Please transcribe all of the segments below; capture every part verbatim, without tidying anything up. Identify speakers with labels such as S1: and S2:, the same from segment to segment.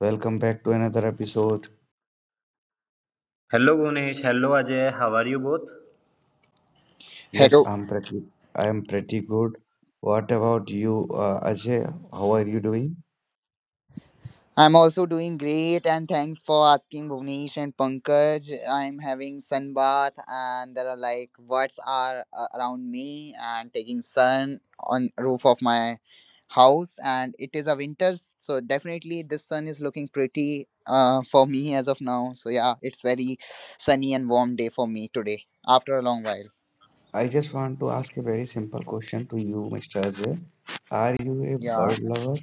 S1: Welcome back to another episode.
S2: Hello Gunesh, hello Ajay, how are you both?
S1: Yes,
S3: Hello.
S1: I'm pretty. I am pretty good. What about you, uh, Ajay? How are you doing?
S3: I'm also doing great and thanks for asking, Bhuvnesh and Pankaj. I'm having sun bath and there are like birds are uh, around me and taking sun on roof of my house, and it is a winter, so definitely this sun is looking pretty uh, for me as of now. So yeah, it's very sunny and warm day for me today after a long while.
S1: I just want to ask a very simple question to you, Mister Ajay. Are you a
S3: Yeah.
S1: bird lover?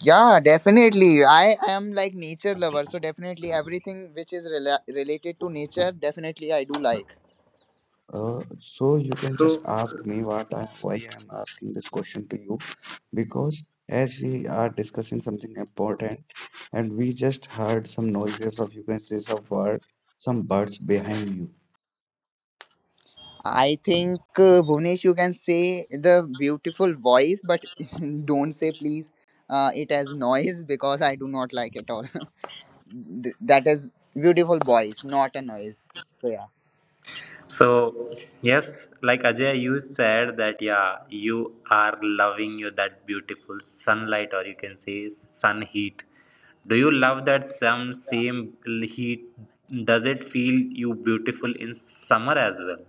S3: Yeah, definitely. I am like nature lover, so definitely everything which is rela- related to nature, definitely I do like.
S1: Uh, so you can just ask me what I, why I am asking this question to you, because as we are discussing something important and we just heard some noises of, you can say, some bird, some birds behind you.
S3: I think uh, Bhuvnesh, you can say the beautiful voice, but don't say please uh, it as noise because I do not like it all. Th- that is beautiful voice, not a noise. So yeah.
S2: So, yes, like Ajay, you said that yeah, you are loving you that beautiful sunlight, or you can say sun heat. Do you love that some same heat? Does it feel you beautiful in summer as well?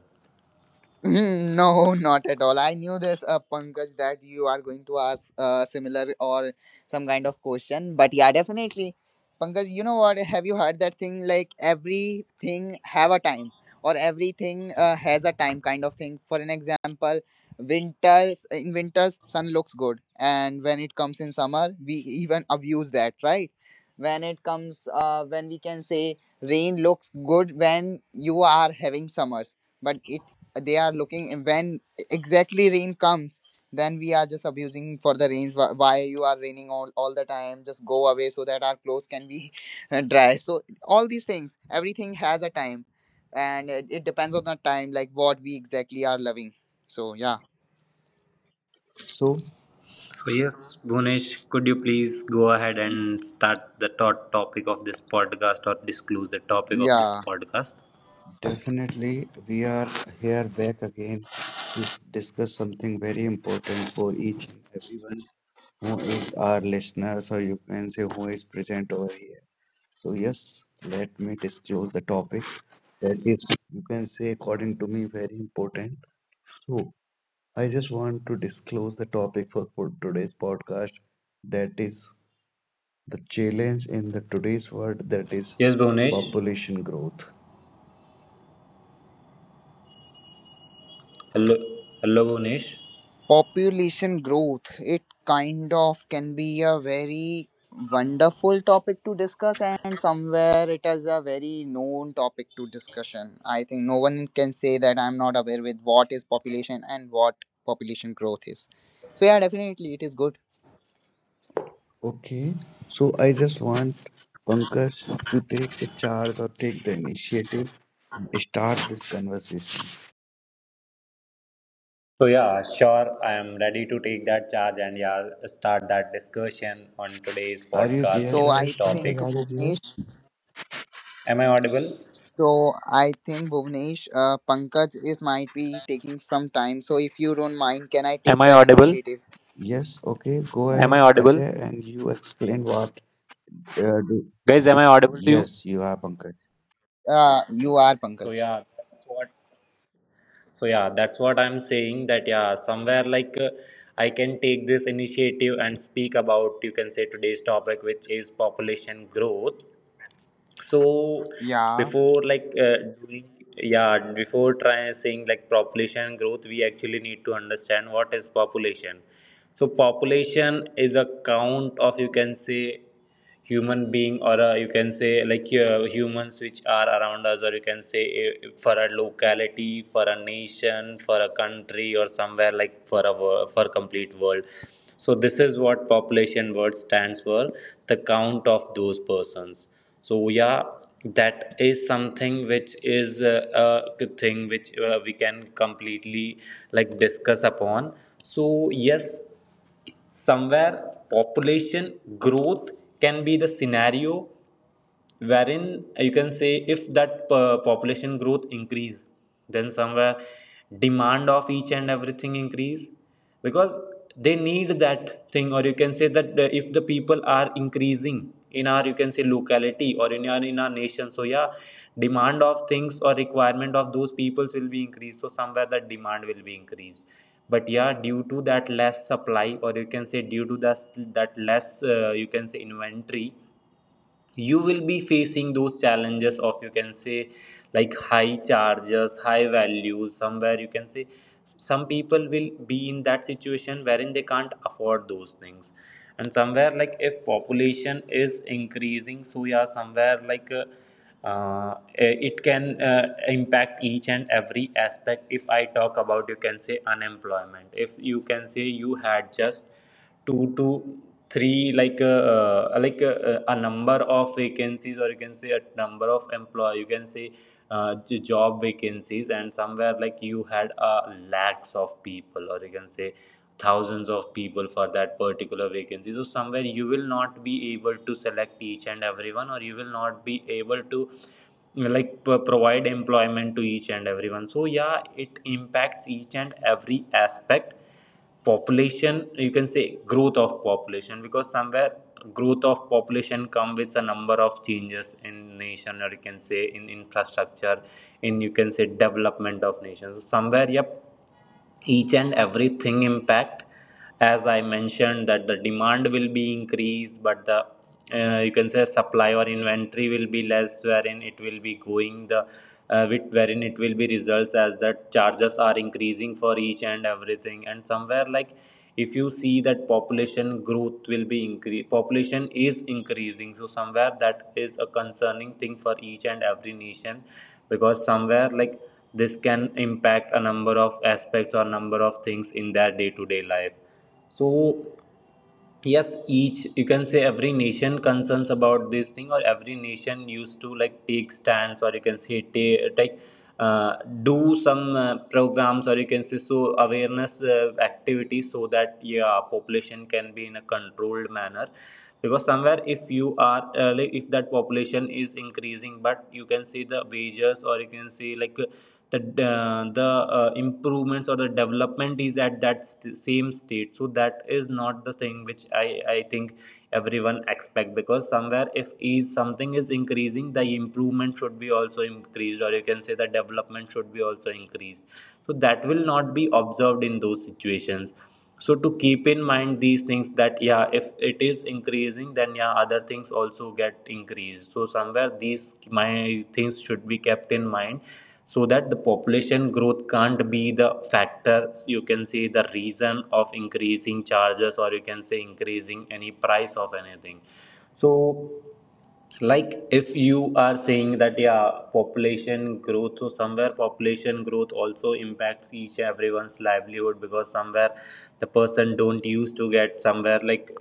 S3: No, not at all. I knew this, uh, Pankaj, that you are going to ask uh, similar or some kind of question. But yeah, definitely, Pankaj. You know what? Have you heard that thing? Like everything have a time, or everything uh, has a time, kind of thing. For an example, winters, in winters sun looks good, and when it comes in summer, we even abuse that, right? When it comes, uh, when we can say rain looks good when you are having summers, but it they are looking when exactly rain comes, then we are just abusing for the rains, wh- why you are raining all, all the time, just go away so that our clothes can be dry. So all these things, everything has a time, and it, it depends on the time like what we exactly are loving. So yeah,
S1: So,
S2: So yes, Bhunesh, could you please go ahead and start the thought topic of this podcast or disclose the topic of this
S3: yeah.
S2: podcast?
S1: definitely, we are here back again to discuss something very important for each and everyone who is our listeners, or you can say who is present over here. So, yes, let me disclose the topic that is, you can say, according to me, very important. So, I just want to disclose the topic for, for today's podcast, that is the challenge in the today's world, that is
S2: Yes, Bhunesh.
S1: population growth.
S2: Hello, hello, Bhunesh.
S3: Population growth, it kind of can be a very wonderful topic to discuss, and somewhere it is a very known topic to discussion. I think no one can say that I'm not aware with what is population and what population growth is. So yeah, definitely it is good.
S1: Okay, so I just want Pankaj to take the charge or take the initiative and start this conversation.
S2: So yeah, sure. I am ready to take that charge and yeah, start that discussion on today's
S1: Are you
S2: podcast
S1: there,
S3: So
S2: in this
S3: I
S1: guys?
S2: topic.
S3: think
S1: Pankaj, are you there?
S3: Bhuvnesh.
S2: Am I audible?
S3: So I think Bhuvnesh, uh, Pankaj is might be taking some time. So if you don't mind, can I
S2: Am
S3: take
S2: I
S3: that
S2: audible?
S3: initiative?
S1: Yes, okay, go
S2: Am I
S1: ahead,
S2: audible?
S1: Ajay, and you explain what uh, do.
S2: Guys, am I audible to you?
S1: Yes, you are Pankaj.
S3: Uh, you are
S2: So
S3: Pankaj.
S2: yeah, that's what. So yeah, that's what I'm saying. That yeah, somewhere like uh, I can take this initiative and speak about you can say today's topic, which is population growth. So
S3: Yeah.
S2: before like uh, doing yeah before trying saying like population growth, we actually need to understand what is population. So population is a count of you can say human being or uh, you can say like uh, humans which are around us, or you can say uh, for a locality, for a nation, for a country, or somewhere like for a wo- for complete world. So this is what population word stands for, the count of those persons. So yeah, that is something which is uh, a thing which uh, we can completely like discuss upon. So yes, somewhere population growth can be the scenario wherein you can say if that uh, population growth increase, then somewhere demand of each and everything increase because they need that thing, or you can say that uh, if the people are increasing in our you can say locality or in our in our nation, so yeah, demand of things or requirement of those peoples will be increased. So somewhere that demand will be increased, but yeah, due to that less supply or you can say due to that that less uh, you can say inventory, you will be facing those challenges of you can say like high charges, high values. Somewhere you can say some people will be in that situation wherein they can't afford those things. And somewhere like if population is increasing, so yeah, somewhere like uh, uh, eh, it can uh, impact each and every aspect. If I talk about you can say unemployment, if you can say you had just two to three like uh, uh, like uh, uh, a number of vacancies, or you can say a number of employee you can say uh, j- job vacancies, and somewhere like you had uh, lakhs of people or you can say thousands of people for that particular vacancy, so somewhere you will not be able to select each and everyone, or you will not be able to like p- provide employment to each and everyone. So yeah, it impacts each and every aspect population you can say growth of population, because somewhere growth of population come with a number of changes in nation, or you can say in infrastructure, in you can say development of nations. So somewhere yep each and everything impact as I mentioned, that the demand will be increased but the uh, you can say supply or inventory will be less, wherein it will be going the uh, with wherein it will be results as that charges are increasing for each and everything. And somewhere like if you see that population growth will be increase, population is increasing, so somewhere that is a concerning thing for each and every nation because somewhere like this can impact a number of aspects or number of things in their day-to-day life. So yes, each you can say every nation concerns about this thing, or every nation used to like take stands, or you can say ta- take uh, do some uh, programs, or you can say so awareness uh, activities, so that yeah population can be in a controlled manner. Because somewhere if you are uh, like if that population is increasing, but you can see the wages or you can see like the uh, the uh, improvements or the development is at that st- same state, so that is not the thing which i i think everyone expect, because somewhere if is something is increasing, the improvement should be also increased, or you can say the development should be also increased. So that will not be observed in those situations. So to keep in mind these things, that yeah if it is increasing, then yeah other things also get increased. So somewhere these my things should be kept in mind so that the population growth can't be the factor you can say the reason of increasing charges, or you can say increasing any price of anything. So like if you are saying that yeah population growth, so somewhere population growth also impacts each everyone's livelihood, because somewhere the person don't used to get somewhere like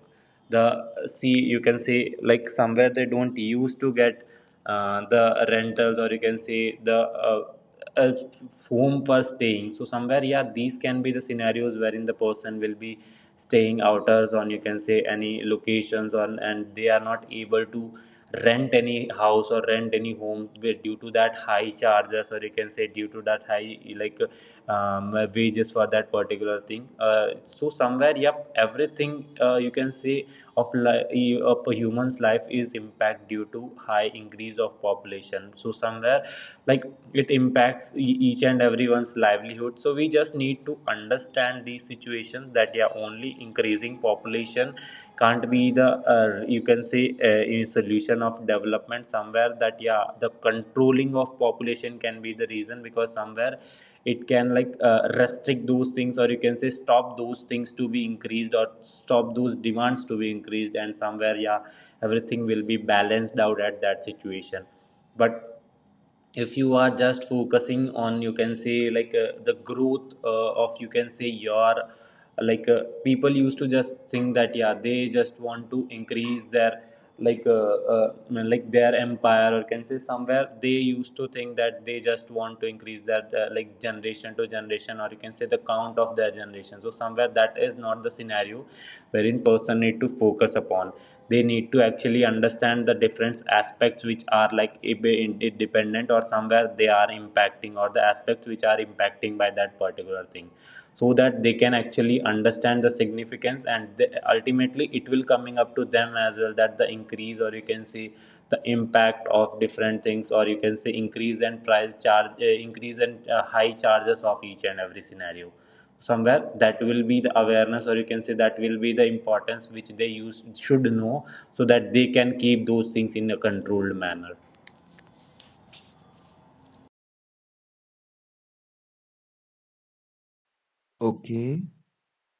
S2: the see you can say like somewhere they don't used to get uh, the rentals, or you can say the uh, uh, home for staying. So somewhere yeah these can be the scenarios wherein the person will be staying outers on you can say any locations on, and they are not able to rent any house or rent any home where due to that high charges, or you can say due to that high like um, wages for that particular thing uh, so somewhere yep everything uh, you can say of, li- of a human's life is impact due to high increase of population. So somewhere like it impacts e- each and everyone's livelihood. So we just need to understand these situations, that yeah only increasing population can't be the uh, you can say uh, a solution of development. Somewhere that yeah the controlling of population can be the reason, because somewhere it can like uh, restrict those things, or you can say stop those things to be increased, or stop those demands to be increased. And somewhere yeah everything will be balanced out at that situation. But if you are just focusing on you can say like uh, the growth uh, of you can say your like uh, people used to just think that yeah they just want to increase their like uh, uh, like their empire or can say somewhere they used to think that they just want to increase that uh, like generation to generation, or you can say the count of their generation. So somewhere that is not the scenario wherein person need to focus upon. They need to actually understand the different aspects which are like independent, or somewhere they are impacting, or the aspects which are impacting by that particular thing, so that they can actually understand the significance. And they, ultimately it will coming up to them as well, that the increase or you can see the impact of different things, or you can say increase and price charge uh, increase and uh, high charges of each and every scenario, somewhere that will be the awareness, or you can say that will be the importance which they use should know, so that they can keep those things in a controlled manner.
S1: Okay,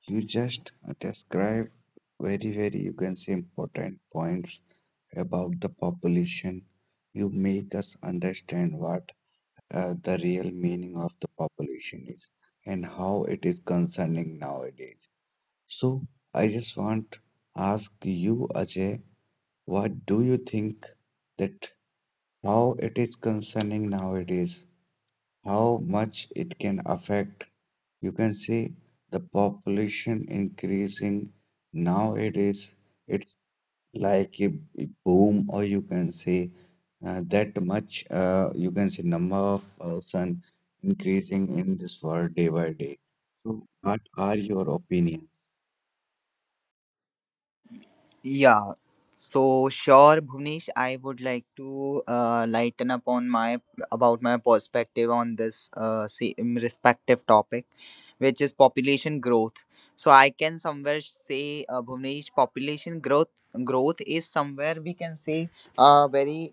S1: you just describe very, very, you can say, important points about the population. You make us understand what uh, the real meaning of the population is and how it is concerning nowadays. So I just want ask you, Ajay, what do you think, that how it is concerning nowadays? How much it can affect. You can see the population increasing nowadays. It's like a a boom, or you can say, uh, that much. Uh, you can say number of person increasing in this world day by day. So, what are your opinions?
S3: Yeah. So sure, Bhuvnesh, I would like to uh, lighten up on my about my perspective on this uh, same respective topic, which is population growth. So I can somewhere say, uh, Bhuvnesh, population growth growth is somewhere we can say a very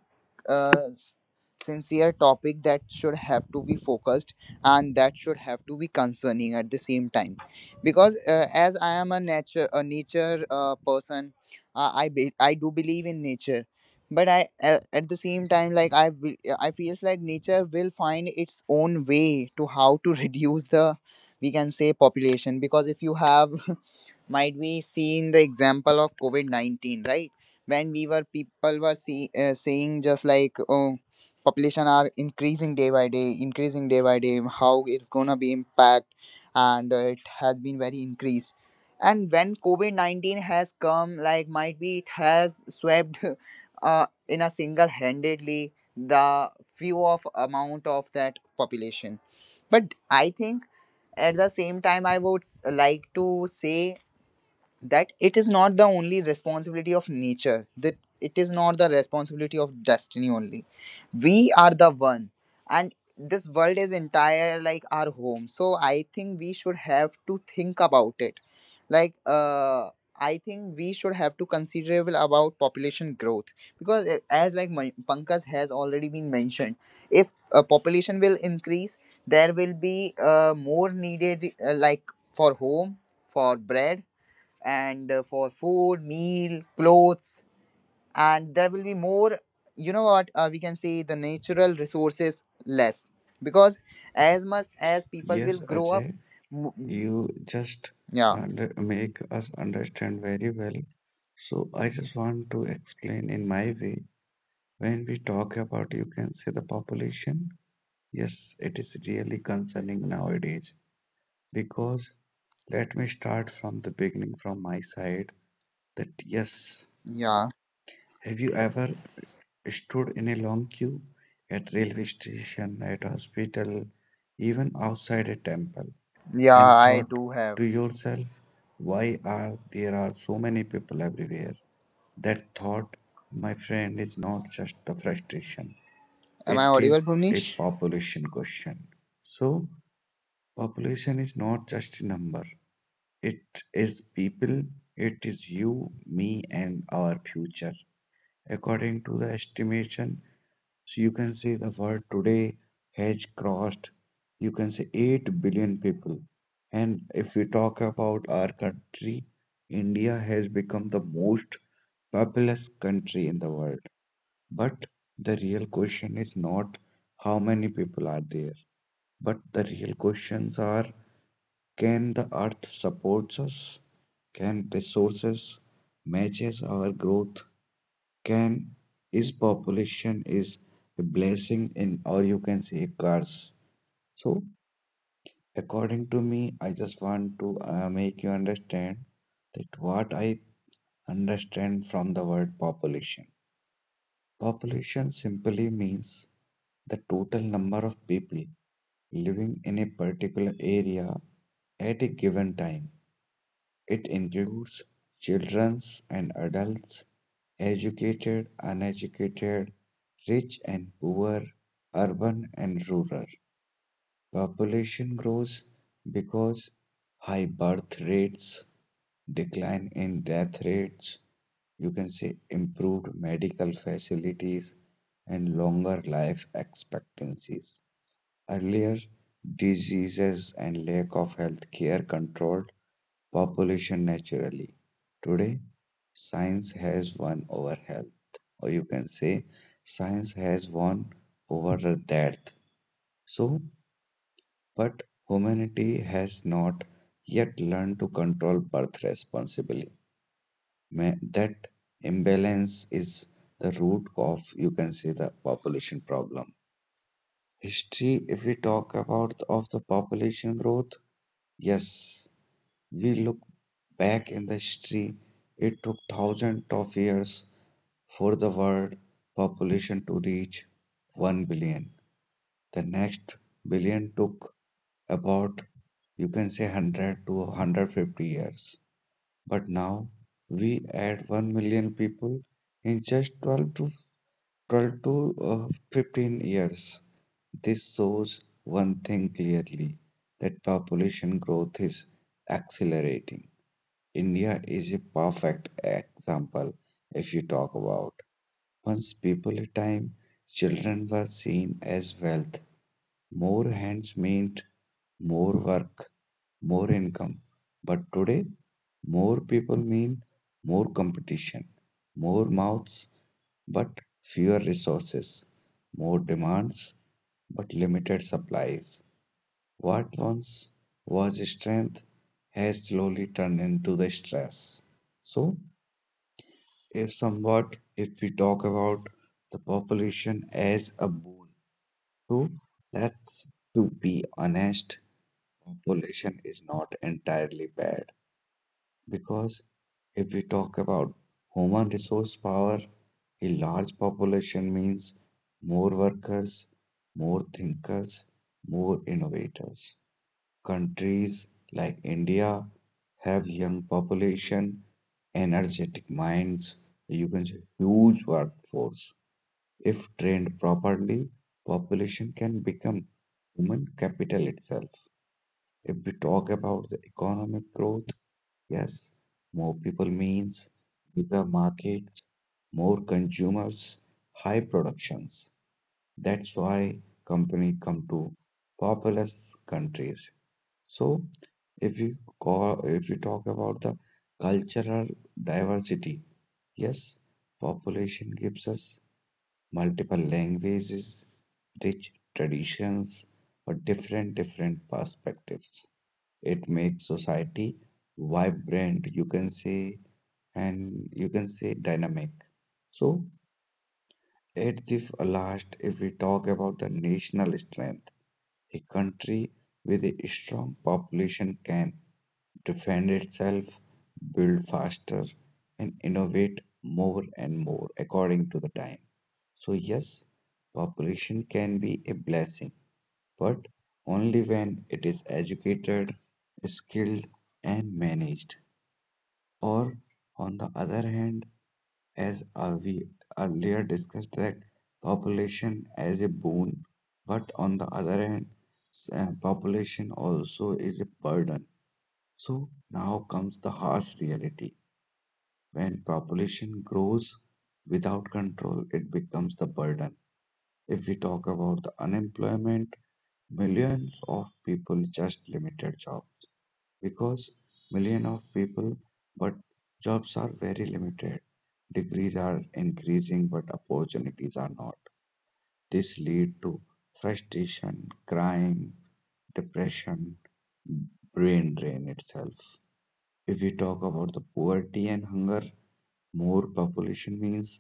S3: uh, s- sincere topic that should have to be focused and that should have to be concerning at the same time, because uh, as I am a nature a nature uh, person, uh, i be- i do believe in nature, but I uh, at the same time like I be- I feels like nature will find its own way to how to reduce the, we can say, population. Because if you have might we see in the example of covid nineteen, right? When we were people were see, uh, saying just like, oh, population are increasing day by day, increasing day by day, how it's gonna be impact. And uh, it has been very increased, and when covid nineteen has come, like might be it has swept uh, in a single handedly the few of amount of that population. But I think at the same time, I would s- like to say that it is not the only responsibility of nature, that it is not the responsibility of destiny only. We are the one and this world is entire like our home, so I think we should have to think about it. Like uh I think we should have to considerable about population growth, because uh, as like my Pankaj has already been mentioned, if uh, population will increase, there will be uh, more needed, uh, like for home, for bread, and uh, for food, meal, clothes, and there will be more. You know what? Uh, we can say the natural resources less, because as much as people
S1: Yes,
S3: will grow up,
S1: Ajay,
S3: mo-
S1: you just
S3: yeah,
S1: under make us understand very well. So I just want to explain in my way. When we talk about, you can say, the population, yes, it is really concerning nowadays, because let me start from the beginning from my side that, yes,
S3: yeah,
S1: have you ever stood in a long queue at railway station, at hospital, even outside a temple
S3: yeah.
S1: and
S3: I
S1: thought
S3: do have.
S1: to yourself, why are there are so many people everywhere? That thought, my friend, is not just the frustration.
S3: Am I
S1: It
S3: audible,
S1: is a
S3: Bhuvnesh?
S1: population question. So, population is not just a number, it is people, it is you, me, and our future. According to the estimation, so you can say the world today has crossed, you can say, eight billion people. And if we talk about our country, India has become the most populous country in the world. But the real question is not how many people are there, but the real questions are, can the earth support us? Can resources matches our growth? Can is population is a blessing in, or you can say, a curse? So according to me, I just want to uh, make you understand that what I understand from the word population. Population simply means the total number of people living in a particular area at a given time. It includes children and adults, educated, uneducated, rich and poor, urban and rural. Population grows because high birth rates, decline in death rates, you can say improved medical facilities and longer life expectancies. Earlier diseases and lack of health care controlled population naturally. Today, science has won over health, or you can say, science has won over death. So, but humanity has not yet learned to control birth responsibly. Ma- That imbalance is the root of, you can say, the population problem. History, if we talk about the- of the population growth, yes, we look back in the history, it took thousands of years for the world population to reach one billion. The next billion took about, you can say, one hundred to one hundred fifty years. But now we add one million people in just twelve to culture of fifteen years. This shows one thing clearly, that population growth is accelerating. India is a perfect example if you talk about. Once people a time, children were seen as wealth. More hands meant more work, more income. But today, more people mean more competition, more mouths, but fewer resources, more demands, but limited supplies. What once was strength has slowly turned into the stress. So, if somewhat, if we talk about the population as a boon, so let's to be honest, population is not entirely bad. Because if we talk about human resource power, a large population means more workers, more thinkers, more innovators. Countries like India have young population, energetic minds, you can say, huge workforce. If trained properly, population can become human capital itself. If we talk about the economic growth, yes, more people means bigger markets, more consumers, high productions. That's why company come to populous countries. So if you call, if you talk about the cultural diversity, yes, population gives us multiple languages, rich traditions, or different different perspectives. It makes society vibrant, you can say, and you can say dynamic. So, at the f- last, if we talk about the national strength, a country with a strong population can defend itself, build faster, and innovate more and more according to the time. So, yes, population can be a blessing, but only when it is educated, skilled, and managed. Or on the other hand, as uh, we earlier discussed that population as a boon, but on the other hand, s- uh, population also is a burden. So now comes the harsh reality, when population grows without control, it becomes the burden. If we talk about the unemployment, millions of people, just limited jobs, because million of people but jobs are very limited, degrees are increasing but opportunities are not. This lead to frustration, crime, depression, brain drain itself. If we talk about the poverty and hunger, more population means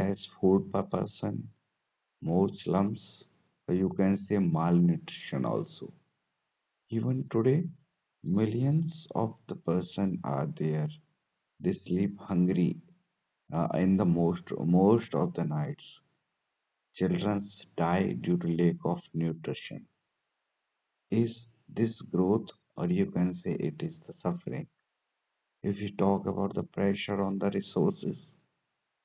S1: less food per person, more slums, or you can say malnutrition also. Even today, millions of the person are there. They sleep hungry uh, in the most most of the nights. Children die due to lack of nutrition. Is this growth, or you can say it is the suffering? If you talk about the pressure on the resources,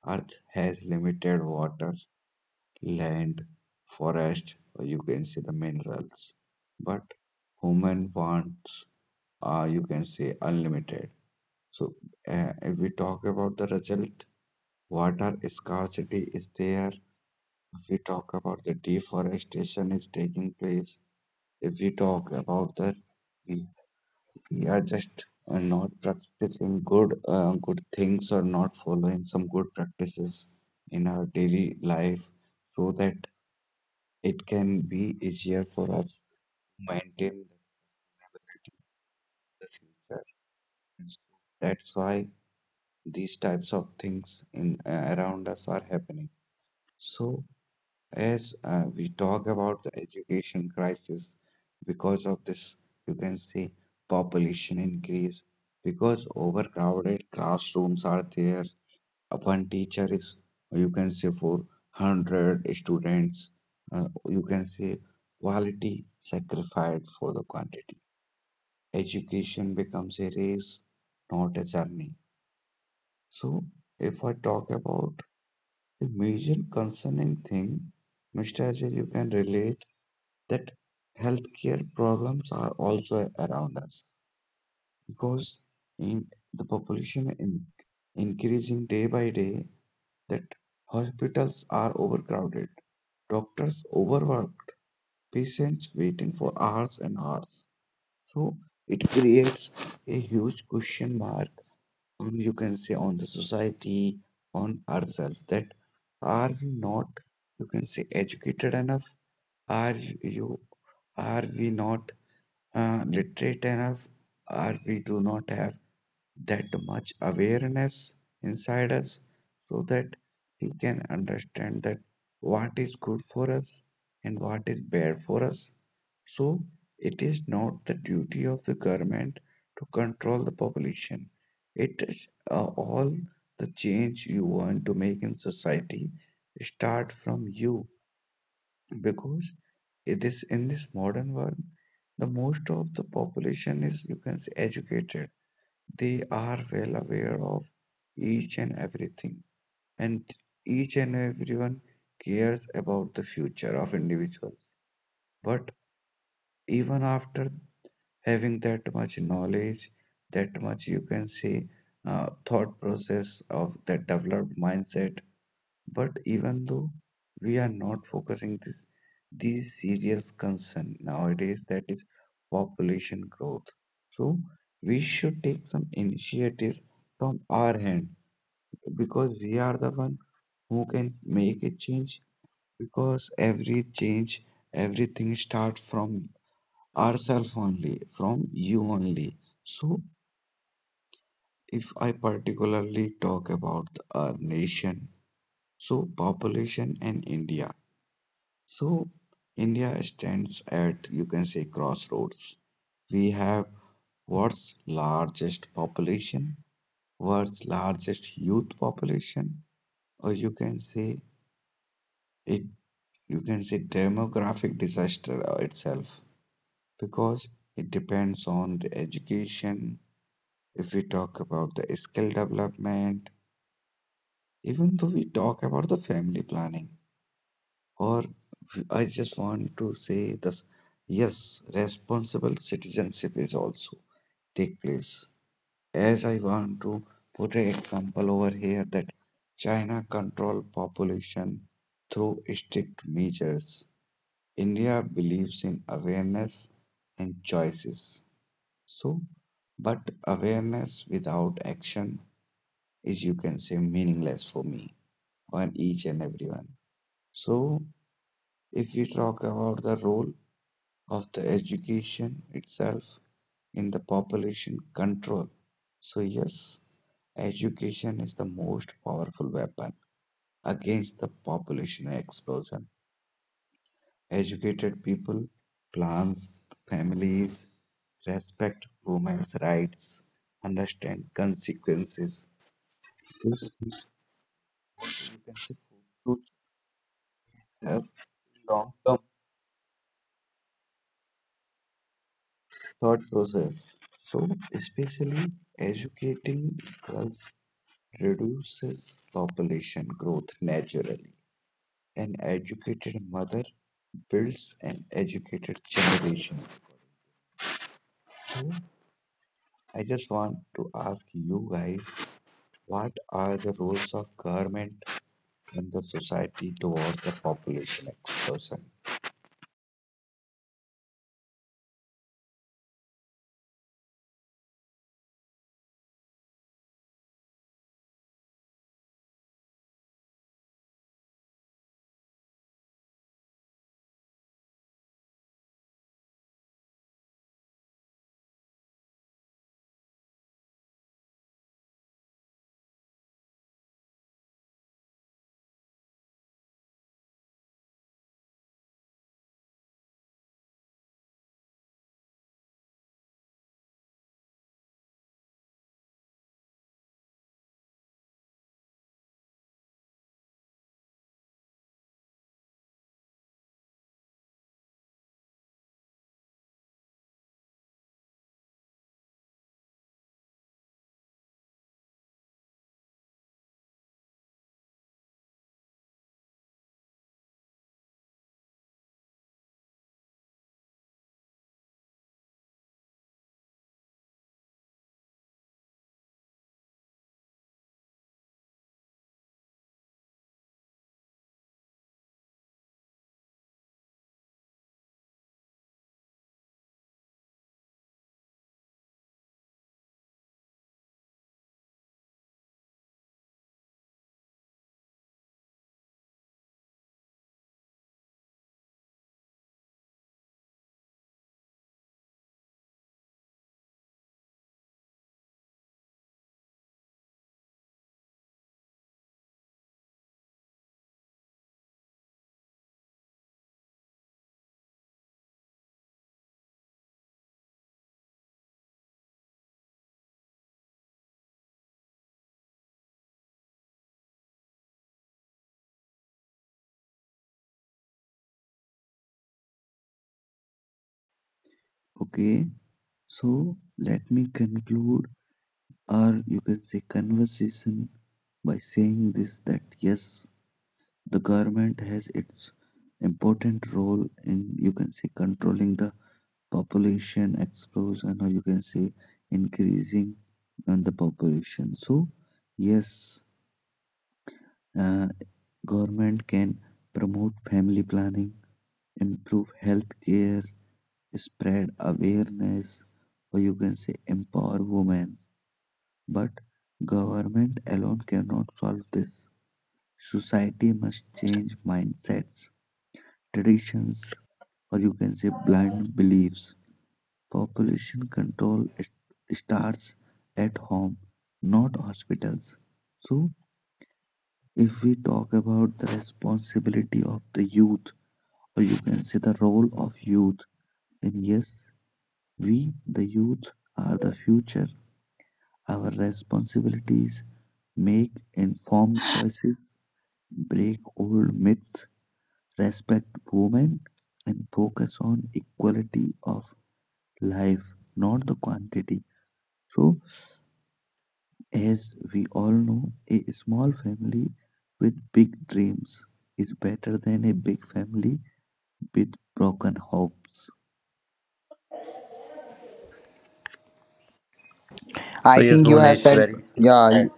S1: Earth has limited water, land, forest, or you can say the minerals. But human wants, uh, you can say, unlimited. So, uh, if we talk about the result, water scarcity is there. If we talk about the deforestation is taking place, if we talk about the we, we are just uh, not practicing good uh, good things, or not following some good practices in our daily life, so that it can be easier for us to maintain the future. And so that's why these types of things in uh, around us are happening. So, as uh, we talk about the education crisis, because of this, you can see population increase, because overcrowded classrooms are there. Uh, One teacher is, you can say, for one hundred students. Uh, you can say quality sacrificed for the quantity. Education becomes a race, not a journey. So, if I talk about the major concerning thing, Mister Ajay, you can relate that healthcare problems are also around us, because in the population in, increasing day by day, that hospitals are overcrowded, doctors overworked, patients waiting for hours and hours. So it creates a huge question mark on, you can say, on the society, on ourselves, that are we not, you can say, educated enough, are you are we not uh, literate enough, or we do not have that much awareness inside us so that we can understand that what is good for us and what is bad for us. So it is not the duty of the government to control the population, it is uh, all the change you want to make in society start from you. Because it is in this modern world, the most of the population is, you can say, educated, they are well aware of each and everything, and each and everyone cares about the future of individuals. But even after having that much knowledge, that much, you can say, uh, thought process of that developed mindset, but even though we are not focusing this these serious concern nowadays, that is population growth. So we should take some initiatives from our hand, because we are the one who can make a change, because every change everything starts from ourselves only, from you only. So if I particularly talk about our nation, so, population and India. So India stands at, you can say, crossroads. We have world's largest population, world's largest youth population, or you can say, it, you can say, demographic disaster uh, itself, because it depends on the education. If we talk about the skill development, even though we talk about the family planning, or I just want to say this, yes, responsible citizenship is also take place. As I want to put an example over here, that China control population through strict measures. India believes in awareness and choices. So, but awareness without action is, you can say, meaningless for me and each and everyone. So, if we talk about the role of the education itself in the population control. So, yes, education is the most powerful weapon against the population explosion. Educated people, plans, families, respect women's rights, understand consequences. This is, you can say, fruits have long-term thought process. So, especially educating girls reduces population growth naturally. An educated mother builds an educated generation. So, I just want to ask you guys, what are the roles of government in the society towards the population explosion? Okay, so let me conclude, or you can say conversation, by saying this, that yes, the government has its important role in, you can say, controlling the population explodes, and or you can say increasing on the population. So yes, uh, government can promote family planning, improve health care, spread awareness, or you can say empower women. But government alone cannot solve this, society must change mindsets, traditions, or you can say blind beliefs. Population control, it starts at home, not hospitals. So, if we talk about the responsibility of the youth, or you can say the role of youth, then yes, we, the youth, are the future. Our responsibilities, make informed choices, break old myths, respect women, and focus on equality of life, not the quantity. So, as we all know, a small family with big dreams is better than a big family with broken hopes.
S2: So
S3: I
S2: yes
S3: think you have
S2: Bhunesh,
S3: said,
S2: very
S3: yeah,
S2: true.
S3: you-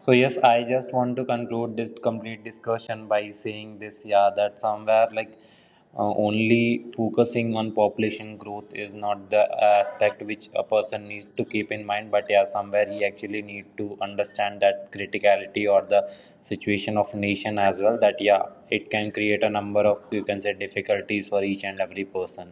S2: So yes, I just want to conclude this complete discussion by saying this, yeah, that somewhere like uh, only focusing on population growth is not the aspect which a person needs to keep in mind, but yeah, somewhere he actually need to understand that criticality or the situation of nation as well. That yeah, it can create a number of you can say difficulties for each and every person.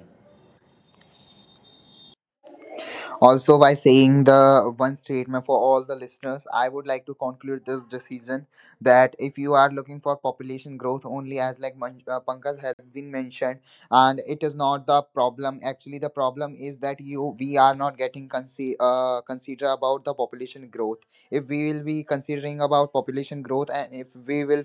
S3: also by saying the one statement for all the listeners, I would like to conclude this decision that if you are looking for population growth only, as like Man- uh, Pankaj has been mentioned, and it is not the problem. Actually, the problem is that you we are not getting consi- uh, consider about the population growth. If we will be considering about population growth, and if we will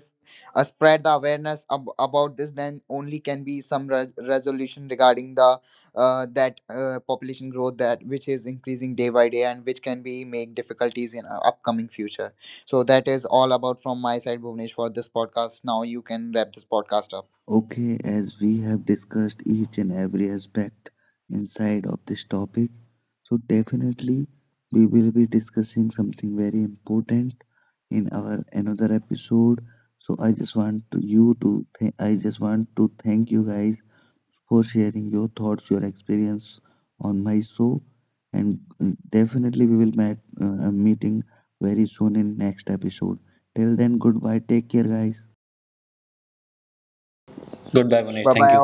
S3: uh, spread the awareness ab- about this, then only can be some res- resolution regarding the uh, that uh, population growth that which is increasing day by day and which can be make difficulties in uh, upcoming future. So that is all about from my side, Bhuvnesh, for this podcast. Now you can wrap this podcast up.
S1: Okay, as we have discussed each and every aspect inside of this topic, so definitely we will be discussing something very important in our another episode. So I just want to you to th- I just want to thank you guys for sharing your thoughts, your experience on my show, and mm, definitely we will meet uh, meeting very soon in next episode. Till then, goodbye. Take care, guys.
S2: Goodbye, Manish.
S3: Bye
S2: Thank
S3: bye.
S2: you.